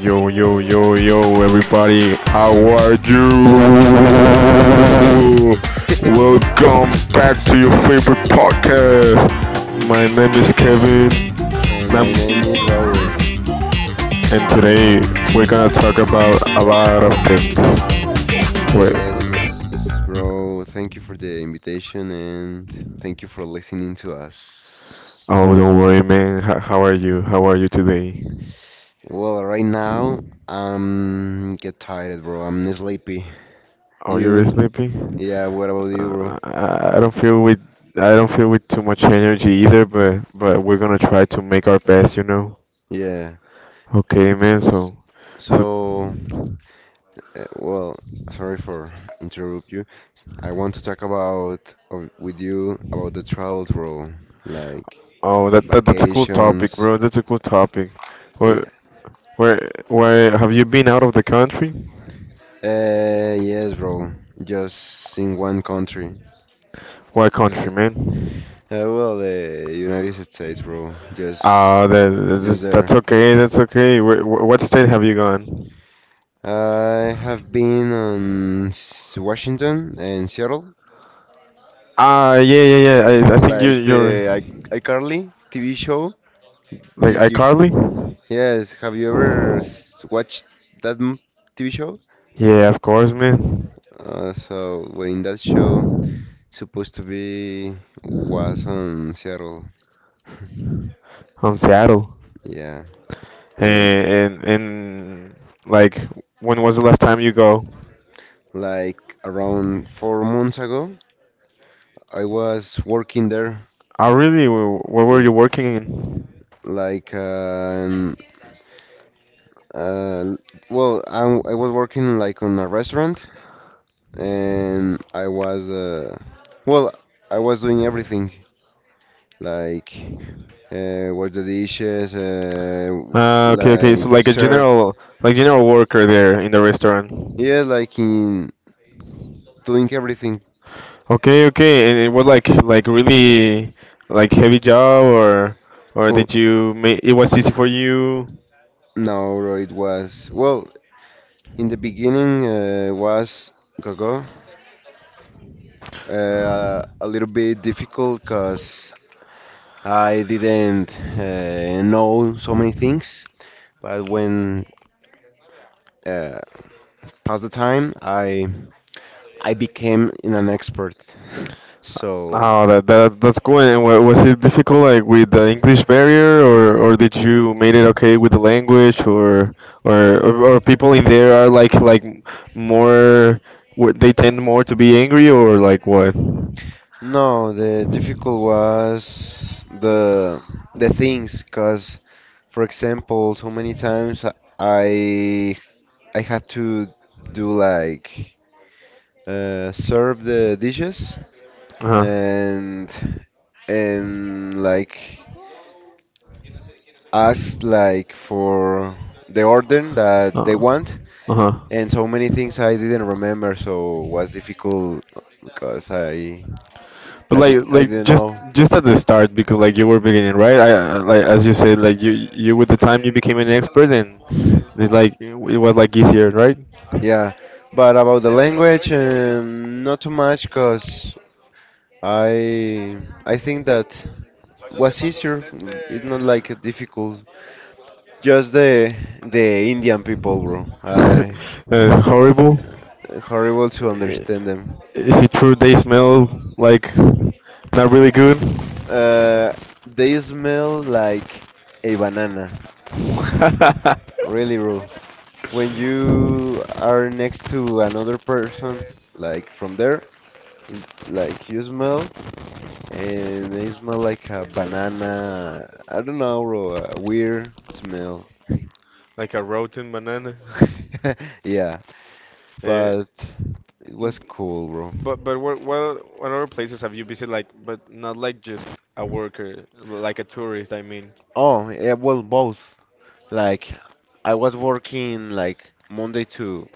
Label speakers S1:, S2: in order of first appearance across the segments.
S1: Yo, yo, yo, yo, everybody, how are you? Welcome back to your
S2: Welcome.
S1: favorite podcast. My name is Kevin,
S2: And
S1: and,
S2: my
S1: I'm,
S2: name is Raul.
S1: and today we're gonna talk about a lot of things. Wait,
S2: Yes, bro, thank you for the invitation and thank you for listening to us.
S1: oh, don't worry, man. How are you? How are you today?
S2: Well, right now I'm get tired, bro. I'm sleepy.
S1: Oh, you're really
S2: You?
S1: sleepy?
S2: Yeah, what about
S1: Uh,
S2: you, bro?
S1: I, I don't feel with I don't feel with too much energy either, but we're gonna try to make our best, you know.
S2: Yeah.
S1: Okay, man. So,
S2: So, well, sorry for interrupt you. I want to talk about with you about the travel role, like
S1: oh, that's a cool topic, bro.
S2: vacations.
S1: That's a cool topic. Where
S2: Y-
S1: where have you been out of the country?
S2: yes, bro. Just in one country.
S1: What country, man?
S2: Well, the United States, bro. Just, just
S1: That's
S2: there.
S1: okay. That's okay. What state have you gone?
S2: I have been on Washington and Seattle,
S1: Ah, yeah, yeah, yeah. I think you
S2: like the
S1: you're
S2: iCarly TV show.
S1: like
S2: Did you?
S1: iCarly.
S2: Yes. Have you ever watched that TV show?
S1: Yeah, of course, man.
S2: So when in that show supposed to be was on Seattle,
S1: On Seattle.
S2: yeah, and
S1: And like, when was the last time you go?
S2: like around 4 months ago, I was working there,
S1: Ah, really? What were
S2: yeah,
S1: you working in?
S2: like uh, well, I was working like on a restaurant, and I was well, I was doing everything like wash the dishes,
S1: Ah, okay, okay. So
S2: like
S1: like a
S2: serve,
S1: general, like general worker there in the restaurant.
S2: yeah, like in doing everything.
S1: Okay, okay. And it was like really like heavy job, or
S2: Who?
S1: did you make it was easy for you?
S2: No, bro, it was. Well, in the beginning, was Gogo. A little bit difficult because I didn't know so many things. But when uh, passed the time, I became an expert. So.
S1: Oh, that's cool. And was it difficult like with the English barrier, or did you made it okay with the language, or or people in there are more, were- they tend more to be angry, or like what?
S2: No, the difficult was the things, cause for example, so many times I I had to do like serve the dishes
S1: Uh-huh.
S2: and and like ask like for the order that they
S1: Uh,
S2: want,
S1: Uh-huh.
S2: and so many things I didn't remember, so was difficult because I
S1: But
S2: I don't, I didn't
S1: just
S2: know.
S1: at the start because like you were beginning, right? Like as you said, like you with the time you became an expert, and it's like it was like easier, right?
S2: Yeah, but about the language, not too much, cause I I think that what's easier. It's not like difficult. Just the Indian people, bro. I
S1: Horrible.
S2: horrible to
S1: I-
S2: understand them.
S1: is it true they smell like not really good?
S2: Uh, they smell like a banana, really, bro. When you are next to another person, like from there, like you smell. And they smell like a banana. I don't know, bro. A weird smell.
S1: Like a rotten banana.
S2: Yeah,
S1: Eh,
S2: but it was cool, bro.
S1: But what other places have you visited like, but not like just a worker, like a tourist, I mean.
S2: Oh, yeah, well, both. Like, I was working like Monday to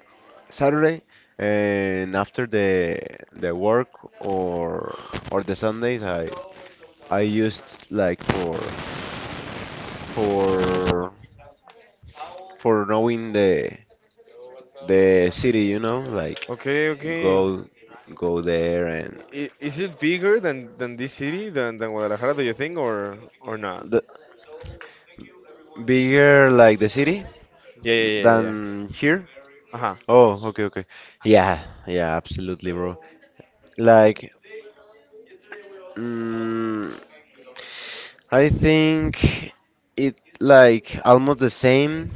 S2: Saturday, and after the work or or the Sundays, I used like for for knowing the city, you know, like
S1: Okay, okay.
S2: go go there and
S1: Is it bigger than this city than Guadalajara, do you think, or not?
S2: the. Bigger like the city
S1: Yeah, yeah, yeah, yeah, yeah.
S2: than here?
S1: Uh-huh.
S2: Oh, okay, okay. Yeah, yeah, absolutely, bro. Like, mm, I think it like almost the same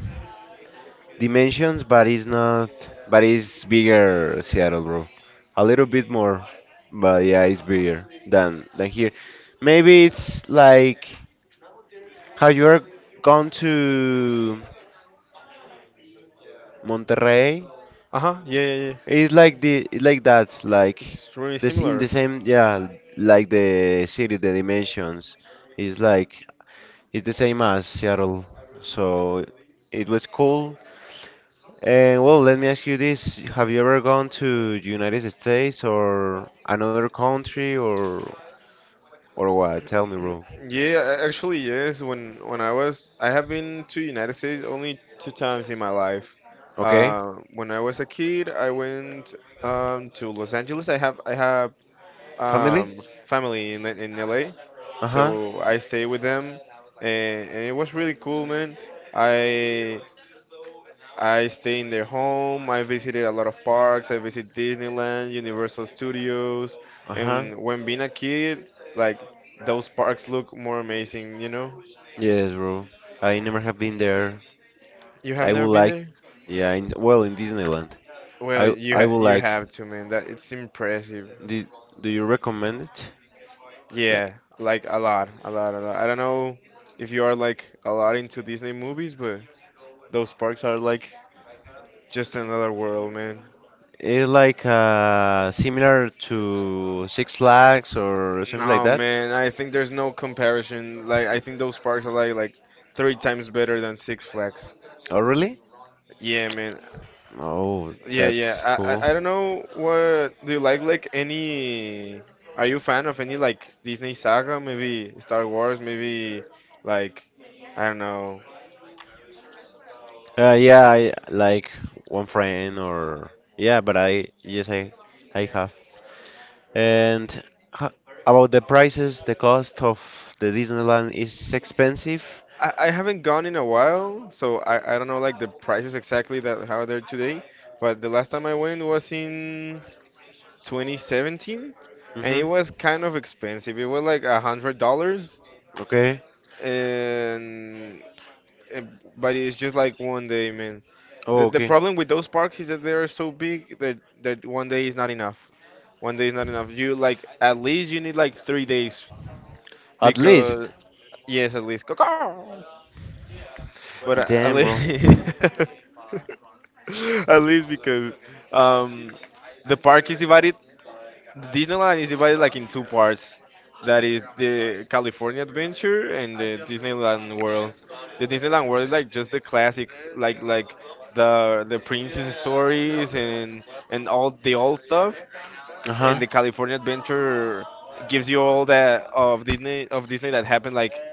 S2: dimensions, but it's not, but it's bigger Seattle, bro. A little bit more, but yeah, it's bigger than here. Maybe it's like how you are gone to Monterrey.
S1: Uh-huh. Yeah, yeah, yeah.
S2: It's like the like that, like
S1: It's really
S2: this in
S1: similar.
S2: the same, yeah, like the city, the dimensions. It's like it's the same as Seattle. So it was cool. And well, let me ask you this: Have you ever gone to United States or another country or what? Tell me, bro.
S1: Yeah, actually, yes. I have been to United States only 2 times in my life.
S2: Okay,
S1: When I was a kid, I went to Los Angeles. I have
S2: family?
S1: family in LA,
S2: Uh huh.
S1: so I stayed with them, and it was really cool, man. I I stay in their home. I visited a lot of parks. I visit Disneyland, Universal Studios,
S2: Uh huh.
S1: and when being a kid, like, those parks look more amazing, you know?
S2: Yes, bro. I never have been there.
S1: You have
S2: I
S1: never
S2: would
S1: been
S2: like,
S1: there?
S2: yeah, in, well, in Disneyland.
S1: Well,
S2: I I would
S1: you
S2: like.
S1: have to, man. That It's impressive.
S2: Do, do you recommend it?
S1: Yeah,
S2: Like,
S1: like a lot, a lot, a lot. I don't know if you are like a lot into Disney movies, but those parks are like just another world, man.
S2: it's like similar to Six Flags or something
S1: No,
S2: like that.
S1: man, I think there's no comparison. Like, I think those parks are like 3 times better than Six Flags.
S2: Oh, really?
S1: Yeah, man.
S2: Oh,
S1: Yeah, yeah.
S2: that's
S1: I,
S2: cool.
S1: I I don't know what do you like any, are you a fan of any like Disney saga, maybe Star Wars, maybe like, I don't know.
S2: Yeah, I like one friend or yeah, but I yes I have. And ho- about the prices, the cost of the Disneyland is expensive.
S1: I haven't gone in a while, so I don't know like the prices exactly that how they're today. But the last time I went was in 2017, and it
S2: Mm-hmm.
S1: was kind of expensive. It was like $100,
S2: Okay.
S1: and eh, but it's just like 1 day, man. The
S2: Oh,
S1: the
S2: okay.
S1: problem with those parks is that they are so big that 1 day is not enough. 1 day is not enough. You like at least you need like 3 days
S2: At
S1: because
S2: least.
S1: yes, at least. But at
S2: Damn, bro.
S1: least, at least, because um the park is divided. The Disneyland is divided like in 2 parts. That is the California Adventure and the Disneyland World. The Disneyland World is like just the classic, like the princess stories and all the old stuff.
S2: Uh-huh.
S1: And the California Adventure gives you all that of Disney that happened like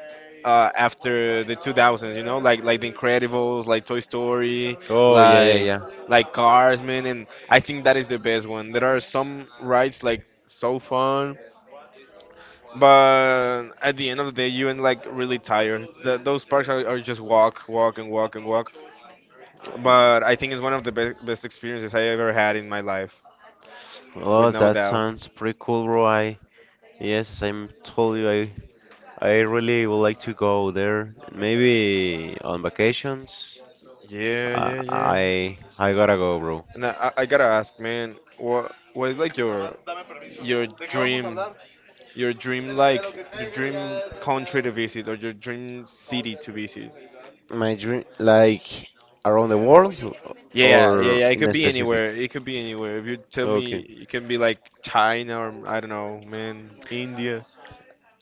S1: after the 2000s, you know, like The Incredibles, like Toy Story,
S2: Oh, yeah, yeah,
S1: like
S2: yeah.
S1: like Cars, man, and I think that is the best one. There are some rides like so fun, but at the end of the day, you end like really tired. Th Those parks are just walk, walk, and walk and walk. But I think it's one of the be best experiences I ever had in my life,
S2: Oh, like
S1: with no
S2: that
S1: doubt.
S2: sounds pretty cool, Roy. Yes, as I told you, I really would like to go there. Maybe on vacations.
S1: Yeah,
S2: I bro.
S1: yeah, yeah.
S2: I gotta go, bro.
S1: And I gotta ask, man, what is like your dream? Your dream, like your dream country to visit, or your dream city to visit.
S2: My dream, like around the world. Yeah,
S1: Yeah, yeah,
S2: or
S1: yeah.
S2: in
S1: It
S2: a could
S1: could be
S2: specific.
S1: anywhere. It could be anywhere. If you tell
S2: Okay.
S1: me, it can be like China, or I don't know, man, India,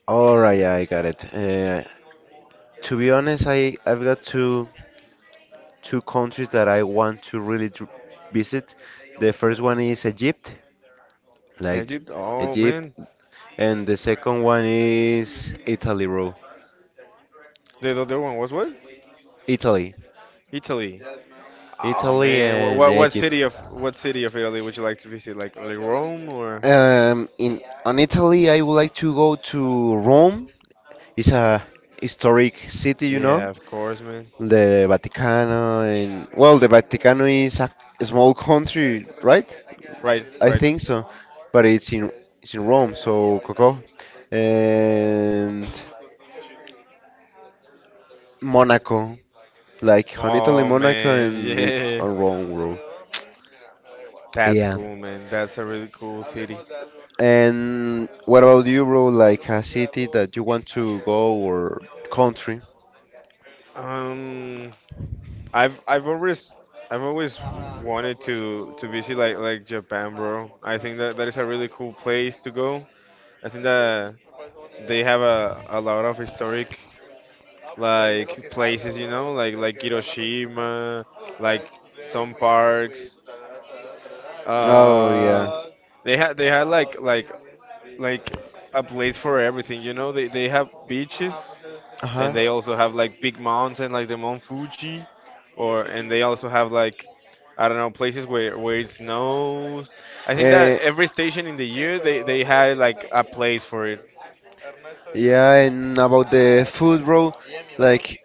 S2: All right, yeah, I got it. To be honest, I've got two countries that I want to really tr visit. The first one is Egypt, like
S1: Egypt. Oh
S2: Egypt,
S1: man,
S2: and the second one is Italy, bro.
S1: the other one was what?
S2: Italy,
S1: Italy. Oh
S2: Italy
S1: man, what
S2: and
S1: what what
S2: Egypt.
S1: city of what city of Italy would you like to visit? Like Rome or?
S2: In on Italy, I would like to go to Rome. It's a historic city, you know,
S1: Yeah, of course, man.
S2: the Vatican and, well, the Vatican is a small country, right?
S1: Right,
S2: I
S1: right.
S2: think so, but it's in Rome, so Coco and Monaco, like on Italy,
S1: Oh
S2: Monaco,
S1: man,
S2: and it
S1: yeah.
S2: on Rome, bro.
S1: That's
S2: Yeah.
S1: cool, man. That's a really cool city.
S2: And what about you, bro? Like a city that you want to go or country?
S1: Um, I've I've always I've always wanted to visit like Japan, bro. I think that that is a really cool place to go. I think that they have a lot of historic like places, you know, like Hiroshima, like some parks.
S2: Oh yeah.
S1: Um, they had like like a place for everything, you know. They have beaches,
S2: Uh huh.
S1: and they also have like big mountain like the Mount Fuji, or and they also have like, I don't know, places where it snows. I think
S2: Eh,
S1: that every station in the year they had like a place for it.
S2: Yeah, and about the food, bro, like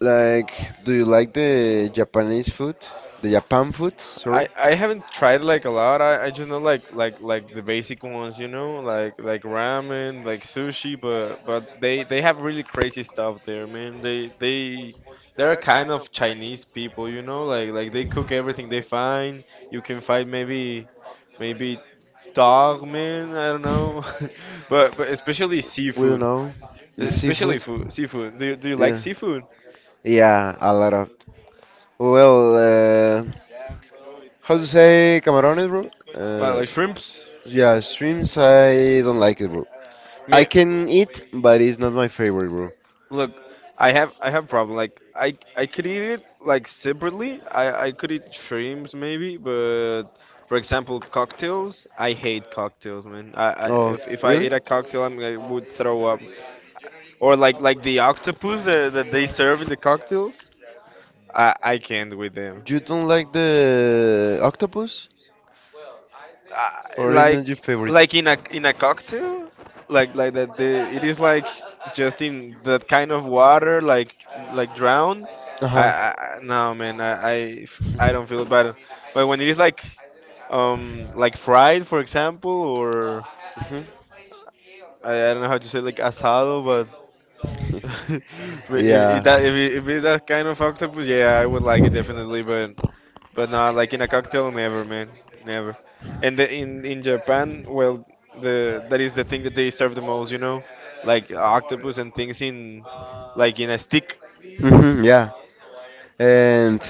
S2: like, do you like the Japanese food? The Japan food, sorry.
S1: I haven't tried like a lot. I just know like the basic ones, you know, like ramen, like sushi, but they have really crazy stuff there, man. They they're kind of Chinese people, you know, like they cook everything they find. You can find maybe dog, man. I don't know, but especially
S2: We don't
S1: seafood,
S2: know. The
S1: especially
S2: seafood.
S1: food seafood. Do you like
S2: Yeah.
S1: seafood?
S2: Yeah, a lot of. Well, uh, how to say camarones, bro?
S1: Like, be. Like
S2: Uh,
S1: shrimps?
S2: yeah, shrimps, I don't like it, bro. I
S1: Me,
S2: can eat, but it's
S1: favorite.
S2: not my favorite, bro.
S1: Look, I have problem. Like, I could eat it like separately. I could eat shrimps maybe, but for example, cocktails. I hate cocktails, man. I,
S2: Oh,
S1: if I
S2: really?
S1: eat a cocktail, I would throw up. Or like the octopus that, that they serve in the cocktails. I can't with them.
S2: You don't like the octopus?
S1: uh,
S2: Or it's isn't your
S1: like
S2: favorite?
S1: like in a cocktail, like that the it is like just in that kind of water, like drowned.
S2: Uh huh.
S1: No man, I don't feel it, but when it is like fried, for example, or
S2: Hmm.
S1: I don't know how to say like asado, but but
S2: Yeah.
S1: if that if, it, if it's that kind of octopus, yeah, I would like it definitely, but. But not like in a cocktail, never, man, never. And in Japan, well, the that is the thing that they serve the most, you know, like octopus and things in, like in a stick.
S2: Hmm, yeah. And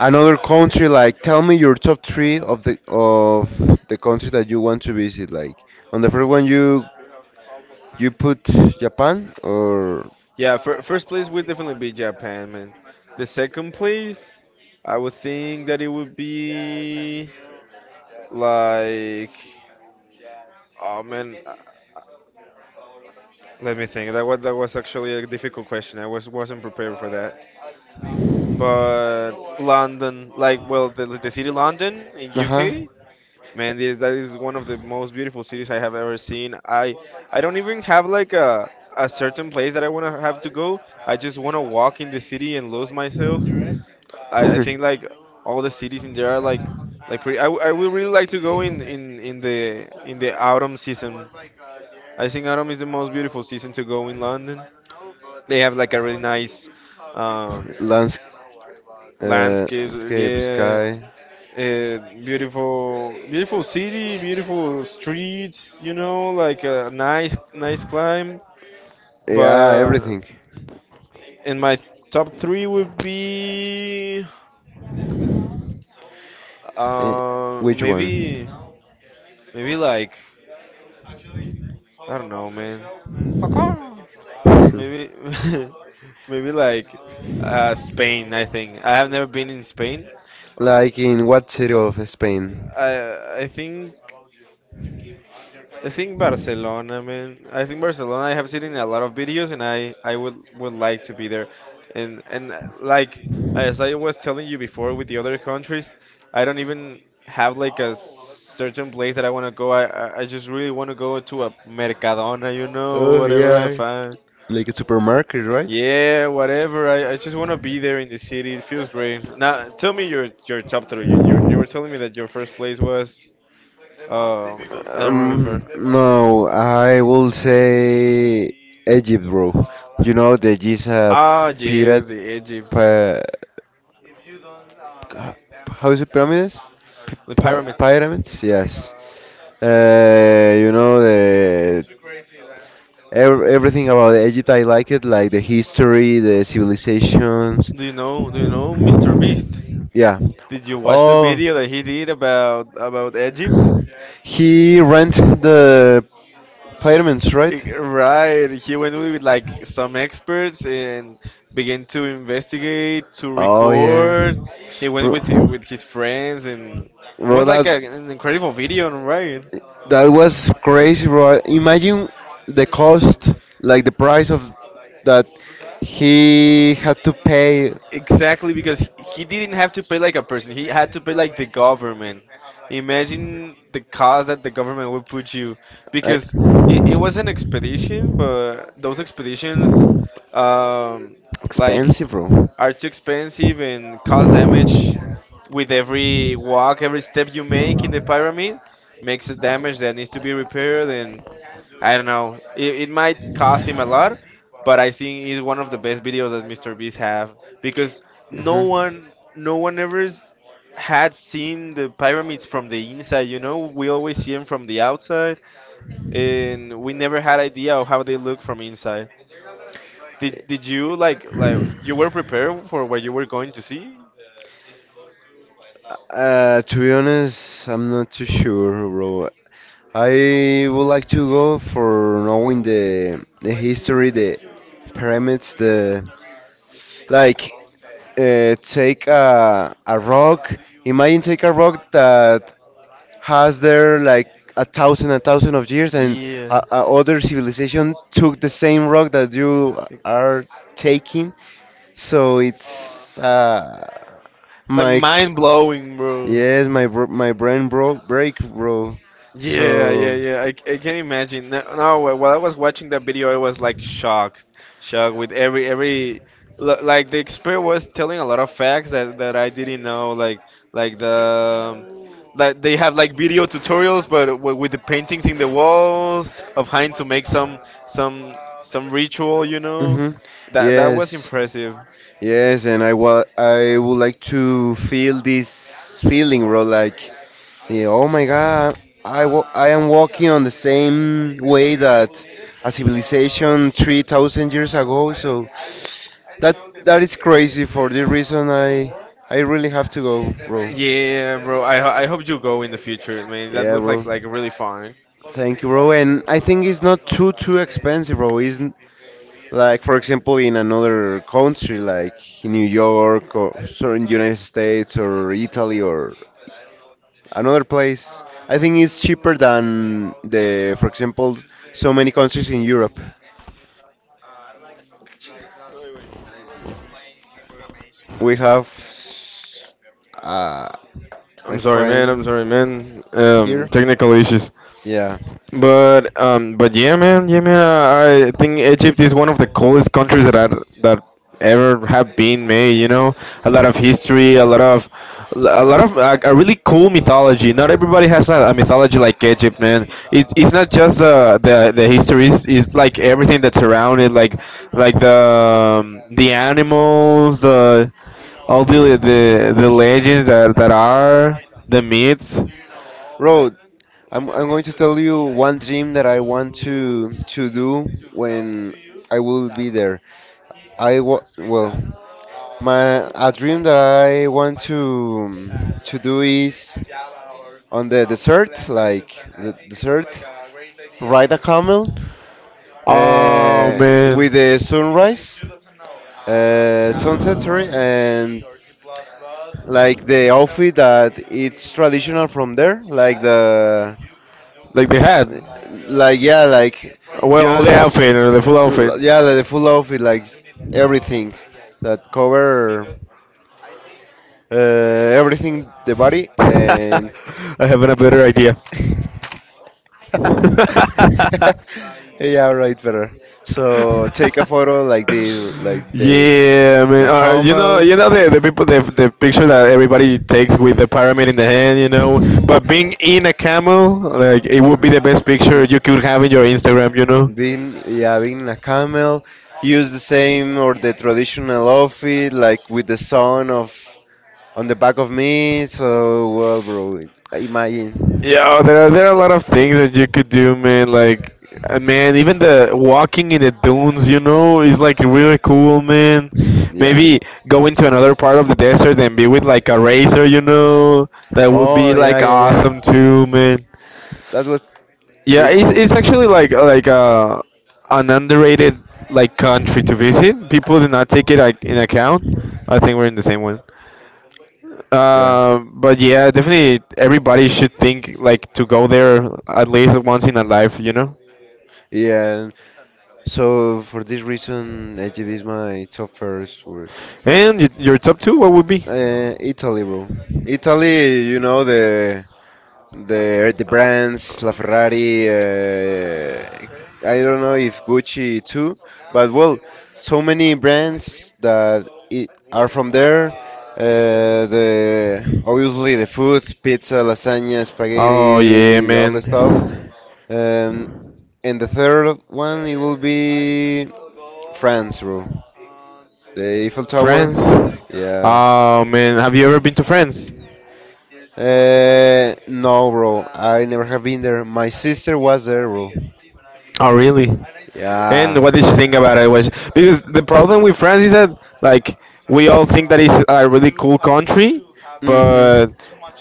S2: another country, like tell me your top three of the countries that you want to visit. Like on the first one, you put Japan or
S1: Yeah, first place would definitely be Japan, man. The second place, I would think that it would be like, oh man, let me think. That was actually a difficult question. I was wasn't prepared for that. But London, like, well, the city London in
S2: uh huh.
S1: UK, man, that is one of the most beautiful cities I have ever seen. I don't even have like a certain place that I wanna have to go. I just wanna walk in the city and lose myself. I think like all the cities in there are like pretty. I would really like to go in the autumn season. I think autumn is the most beautiful season to go in London. They have like a really nice um,
S2: Lands,
S1: landscape.
S2: landscape.
S1: Yeah, beautiful, beautiful city, beautiful streets. You know, like a nice, nice climb.
S2: Yeah,
S1: But
S2: everything.
S1: in my top three would be uh,
S2: One?
S1: maybe, maybe like, I don't know, man. Paco. Maybe, maybe like Spain. I think I have never been in Spain. Uh,
S2: Like in what city of Spain?
S1: I I think. I think Barcelona, man. I think Barcelona. I have seen in a lot of videos, and I would like to be there. And like as I was telling you before with the other countries, I don't even have like a certain place that I want to go. I just really want to go to a Mercadona, you know, whatever I find.
S2: Like a supermarket, right?
S1: Yeah, whatever. I just want to be there in the city. It feels great. Now, tell me your top three. You were telling me that your first place was. Oh, I don't remember.
S2: No, I will say Egypt, bro. You know that is a
S1: Ah, yes, the Egypt,
S2: Pa how is it pyramids?
S1: the like pyramids.
S2: Pyramids, yes. You know the everything about Egypt. I like it, like the history, the civilizations.
S1: Do you know? Do you know Mr. Beast?
S2: Yeah.
S1: Did you watch the
S2: Oh.
S1: video that he did about Egypt?
S2: He rent the pyramids,
S1: Right, he went with like some experts and began to investigate, to record. He went with his friends and
S2: and
S1: it was
S2: bro,
S1: like
S2: it's,
S1: an incredible video, right?
S2: that was crazy, bro. Imagine the cost, like the price of that he had to pay.
S1: Exactly, because he didn't have to pay like a person. He had to pay like the government. Imagine the cost that the government would put you, because it was an expedition, but those expeditions, um, like
S2: Bro. No.
S1: are too expensive and cause damage with every walk, every step you make in the pyramid makes a damage that needs to be repaired. And I don't know, it might cost him a lot, but I think it's one of the best videos that Mr. Beast have because no one, no one had seen the pyramids from the inside. We always see them from the outside, and we never had idea of how they look from inside. Did you like, you were prepared for what you were going to see?
S2: To be honest, I'm not too sure, bro. I would like to go for knowing the history, the pyramids, the like. Take a rock. Imagine take a rock that has there like a thousand of years, and a,
S1: Yeah.
S2: a other civilization took the same rock that you are taking. So it's
S1: It's like
S2: my,
S1: mind blowing, bro.
S2: yes, my my brain broke break, bro. Yeah,
S1: Yeah, yeah,
S2: so.
S1: yeah. I can imagine. No, no, while I was watching that video, I was like shocked, shocked with every like the expert was telling a lot of facts that I didn't know. Like the like they have like video tutorials, but with the paintings in the walls of Hein to make some some ritual. You know,
S2: Mhm. That
S1: that that was
S2: that
S1: impressive.
S2: Yes, and I would like to feel this feeling, bro. Like, yeah, oh my God, I am walking on the same way that a civilization 3,000 years ago, so that is crazy for the reason I really have to go, bro.
S1: Yeah, bro. I hope you go in the future, man. That
S2: Yeah,
S1: looks
S2: bro.
S1: like really fun.
S2: Thank you, bro. And I think it's not too expensive, bro. Isn't like for example in another country like in New York or sorry, in United States or Italy or another place. I think it's cheaper than the, for example, so many countries in Europe. We have uh, my
S1: I'm sorry, man. I'm
S2: friend
S1: sorry, man.
S2: here.
S1: Technical issues.
S2: Yeah,
S1: But yeah, man, yeah, man. I think Egypt is one of the coolest countries that I that ever have been made. You know, a lot of history, a lot of like a really cool mythology. Not everybody has a mythology like Egypt, man. It's not just the history. It's like everything that's around it, like the animals, the all the legends that are the myths.
S2: bro. I'm going to tell you one dream that I want to do when I will be there. I wa Well, my a dream that I want to do is on the desert, like the desert, ride a camel,
S1: Oh
S2: uh,
S1: man.
S2: with the sunrise, sunset, sorry, and like the outfit that it's traditional from there, like the,
S1: Like they had.
S2: like yeah, like
S1: Well, all the
S2: just
S1: outfit or the full outfit.
S2: yeah, like the full outfit, like everything that cover everything the body
S1: I
S2: and
S1: having a better idea.
S2: yeah, right, better. So take a photo like they,
S1: Yeah, man.
S2: Nakamo.
S1: You know the people the picture that everybody takes with the pyramid in the hand, you know. But being in a camel, like it would be the best picture you could have in your Instagram, you know.
S2: Being, yeah, being a camel, use the same or the traditional outfit, like with the sun of on the back of me. So, well, bro, imagine,
S1: Yeah, oh, there are a lot of things that you could do, man. Like, man, even the walking in the dunes, you know, is like really cool, man.
S2: yeah.
S1: Maybe go into another part of the desert and be with like a racer, you know, that would be
S2: Oh, yeah,
S1: like
S2: yeah,
S1: awesome
S2: yeah.
S1: too, man.
S2: That was, yeah,
S1: Yeah,
S2: pretty
S1: it's
S2: cool.
S1: it's actually like an underrated like country to visit. People do not take it like in account. I think we're in the same one.
S2: Yeah.
S1: But yeah, definitely everybody should think like to go there at least once in a life, you know.
S2: Yeah. And so for this reason, Egypt is my top first. Or,
S1: And your top two, what would be?
S2: Italy, bro. Italy, you know the
S1: Uh,
S2: brands, La Ferrari. I don't know if Gucci too, but well, so many brands that I are from there. The, obviously, the food, pizza, lasagna,
S1: Oh yeah,
S2: spaghetti, all the stuff.
S1: man.
S2: Um, And the third one, it will be France, bro. The Eiffel Tower.
S1: France.
S2: Yeah.
S1: Oh man, have you ever been to France?
S2: No, bro. I never have been there. My sister was there, bro.
S1: Oh, biggest, really? And
S2: Yeah.
S1: what did you think about it? Was because the problem with France is that like we all think that it's a really cool country,
S2: Mhm.
S1: but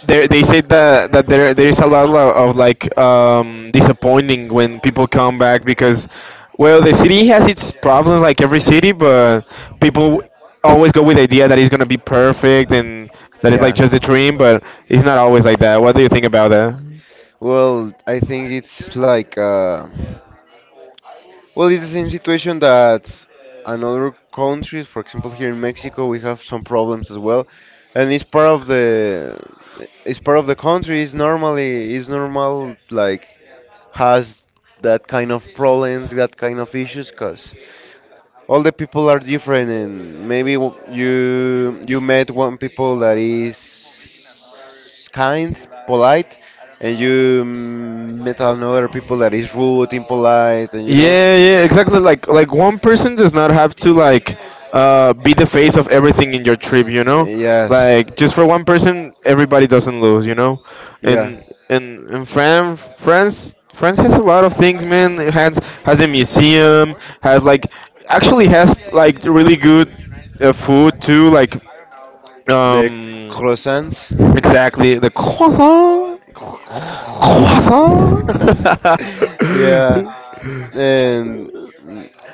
S1: they say that there is a lot of like disappointing when people come back because well the city has its problems like every city, but people always go with the idea that it's gonna be perfect and that it's like
S2: Yeah.
S1: just a dream, but it's not always like that. What do you think about that?
S2: Well, I think it's like well, it's the same situation that in other countries, for example, here in Mexico, we have some problems as well, and it's part of the country. It's normal like has that kind of problems, that kind of issues, because all the people are different, and maybe you met one people that is kind, polite, and you met another people that is rude, impolite, and you know.
S1: Yeah, yeah, exactly. Like one person does not have to like be the face of everything in your trip, you know?
S2: Yes.
S1: Like just for one person, everybody doesn't lose, you know?
S2: Yeah.
S1: And France has a lot of things, man. It has a museum, has like actually has like really good food too, like
S2: The
S1: um
S2: croissants.
S1: Exactly. The croissant. Croissant.
S2: Yeah. And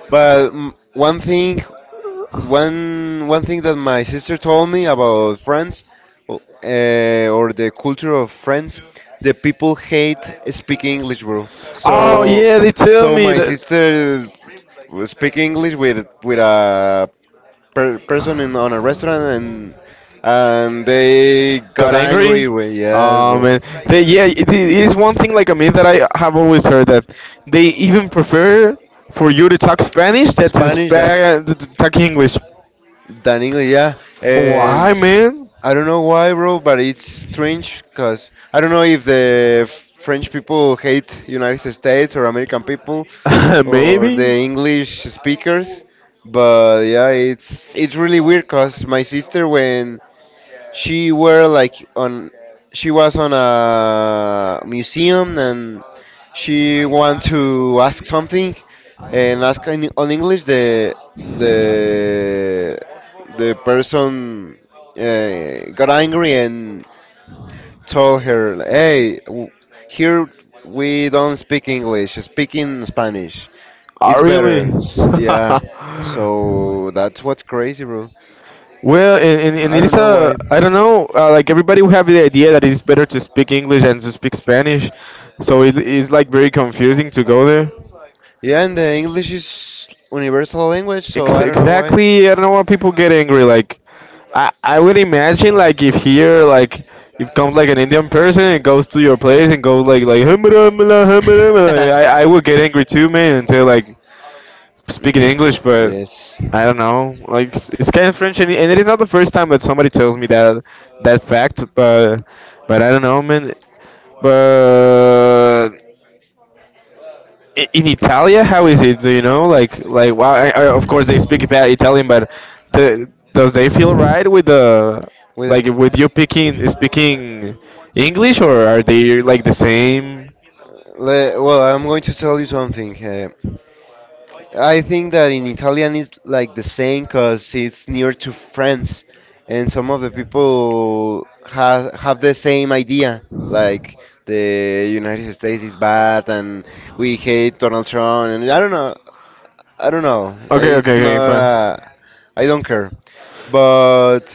S2: but one thing, one thing that my sister told me about France, or the culture of France, the people hate speaking English, bro.
S1: Oh
S2: So,
S1: yeah, they tell
S2: so
S1: me
S2: my
S1: that.
S2: sister we speak English with a per person in on a restaurant and they got
S1: Got
S2: angry.
S1: angry.
S2: With. Yes, bro.
S1: Yeah, it is one thing like a myth that I have always heard that they even prefer for you to talk Spanish than to,
S2: Spanish than
S1: to talk English.
S2: than English, yeah. And
S1: Why, man?
S2: I don't know why, bro, but it's strange because I don't know if the French people hate United States or American people or
S1: Maybe.
S2: the English speakers. But yeah, it's really weird because my sister when She were like on she was on a museum and she want to ask something and ask in, on English the the person got angry and told her, hey, here we don't speak English, speak in Spanish, it's
S1: Oh, really?
S2: better. Yeah, so that's what's crazy, bro.
S1: Well, and
S2: I
S1: it is
S2: don't know
S1: a
S2: why.
S1: I don't know like everybody will have the idea that it's better to speak English than to speak Spanish, so it is like very confusing to go there.
S2: Yeah, and the English is universal language, so I don't know why.
S1: Exactly, I don't know why people get angry. Like, I would imagine like if here like if comes like an Indian person and goes to your place and goes like "Hum, hum, hum, hum, hum," like, I would get angry too, man, and say like speaking English, but
S2: Yes.
S1: I don't know. It's kind of French, and it is not the first time that somebody tells me that that fact. But I don't know, man. But in Italia, how is it? Do you know? Like well, of course they speak Italian, but the, does they feel right with the
S2: With a
S1: like with you picking speaking English, or are they like the same?
S2: Well, I'm going to tell you something. I think that in Italian is like the same because it's near to France, and some of the people have the same idea, like the United States is bad and we hate Donald Trump, and I don't know, I don't know.
S1: Okay, okay,
S2: It's
S1: okay,
S2: not.
S1: fine.
S2: Uh, I don't care, but.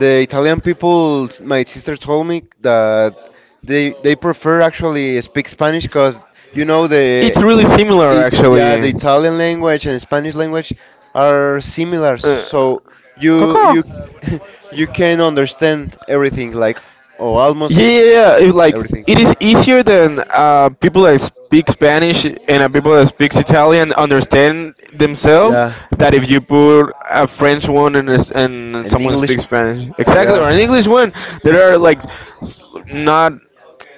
S2: The Italian people, my sister told me that they prefer actually speak Spanish because you know the
S1: It's really similar,
S2: it, yeah, the
S1: actually.
S2: Italian language and Spanish language are similar,
S1: Uh,
S2: so you
S1: Coco.
S2: you you can understand everything, like, or almost
S1: Yeah, yeah, yeah. It, like
S2: everything.
S1: it is easier than people that speak Spanish and people that speaks Italian understand themselves.
S2: Yeah.
S1: That if you put a French one and, and
S2: An
S1: someone
S2: English,
S1: speaks Spanish, exactly, or an
S2: yeah.
S1: English one, that are like s- not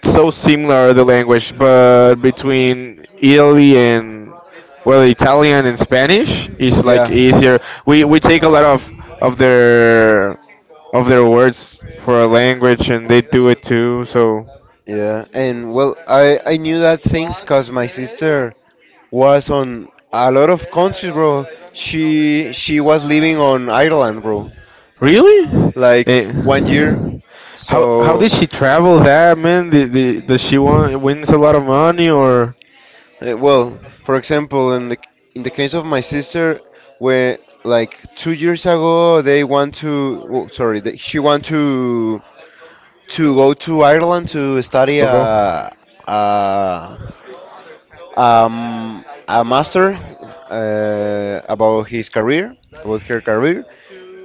S1: so similar the language, but between Italy and well, Italian and Spanish is like
S2: Yeah,
S1: easier. We take a lot of their of their words for a language, and they do it too. So
S2: yeah, and well, I knew that things cause my sister was on a lot of countries, bro. She was living on Ireland, bro,
S1: really,
S2: like
S1: eh,
S2: one year.
S1: how
S2: So,
S1: did she travel that man? Does she want wins a lot of money
S2: Well, for example, in the case of my sister, where like 2 years ago they want to, oh, sorry, she want to go to Ireland to study
S1: or go?
S2: a a master, about his career, about her career,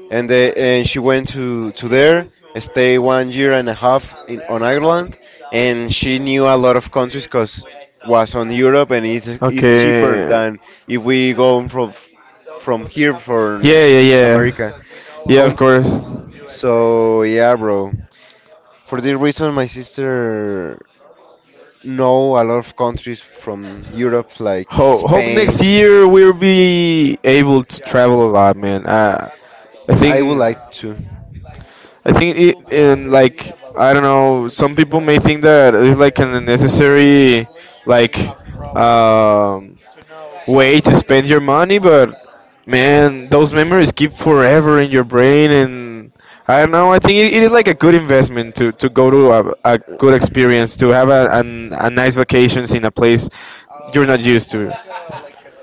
S2: and she went to there, stay one year and a half in on Ireland, and she knew a lot of countries because was on Europe and it's cheaper
S1: Okay.
S2: than if we go from here for
S1: Yeah, yeah,
S2: America.
S1: yeah. Yeah, of
S2: Count,
S1: course.
S2: so yeah, bro. For this reason, my sister know a lot of countries from Europe like
S1: Hope
S2: Spain.
S1: next year we'll be able to travel a lot, man. I
S2: I would
S1: think.
S2: like to.
S1: I think it and like I don't know. Some people may think that it's like an unnecessary like um, way to spend your money, but man, those memories keep forever in your brain, and I don't know. I think it is like a good investment to go to a good experience, to have a nice vacations in a place you're not used to.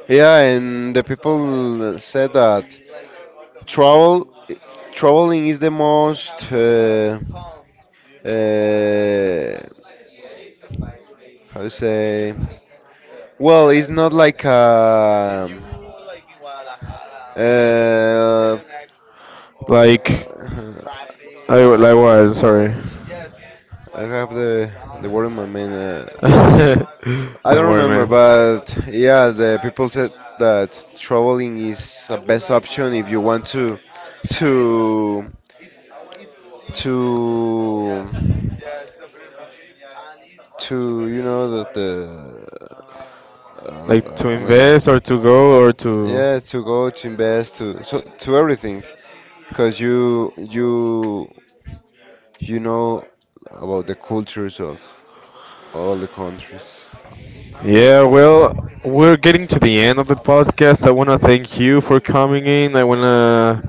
S2: Yeah, and the people said that Travel, traveling is the most, uh, how to say? Well, it's not like uh,
S1: What? Sorry.
S2: I have the word in my mind. Uh,
S1: Don't
S2: I don't
S1: worry, to
S2: remember,
S1: man.
S2: but yeah, the people said that traveling is a best option if you want to to to you know that the,
S1: So like
S2: oh,
S1: to
S2: oh my god,
S1: invest or to go or to.
S2: yeah, to go to invest to so to everything, because you know about the cultures of all the countries.
S1: Yeah, well, we're getting to the end of the podcast. I want to thank you for coming in. I want to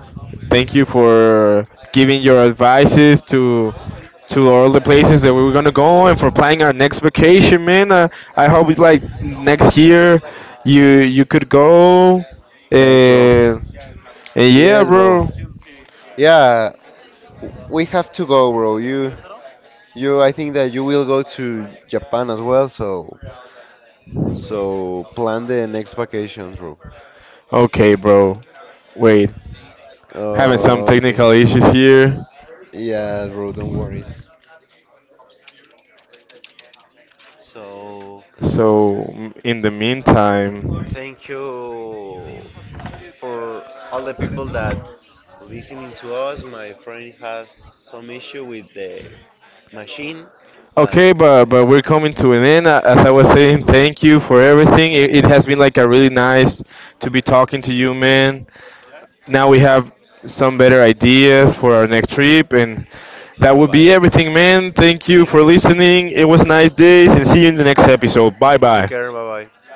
S1: thank you for giving your advices to all the places that we were gonna go and for planning our next vacation, man. I hope it's like next year you could go
S2: Thanks, bro.
S1: and and yeah,
S2: Yes, bro.
S1: bro.
S2: Yeah, we have to go, bro. You, you. I think that you will go to Japan as well. So, plan the next vacation, bro.
S1: Okay, bro. Wait, having some
S2: Oh, okay.
S1: technical issues here.
S2: Yeah, bro. Don't worry. So,
S1: So in the meantime.
S2: thank you for all the people that listening to us. My friend has some issue with the machine, but
S1: Okay, but we're coming to an end. As I was saying, thank you for everything. It has been like a really nice to be talking to you, man. Now we have some better ideas for our next trip, and that
S2: bye
S1: would be
S2: bye.
S1: everything, man. Thank you
S2: Thank
S1: for
S2: you
S1: listening. It was a
S2: and
S1: nice day, and see you in the next episode. Bye
S2: take
S1: bye.
S2: care. Bye bye.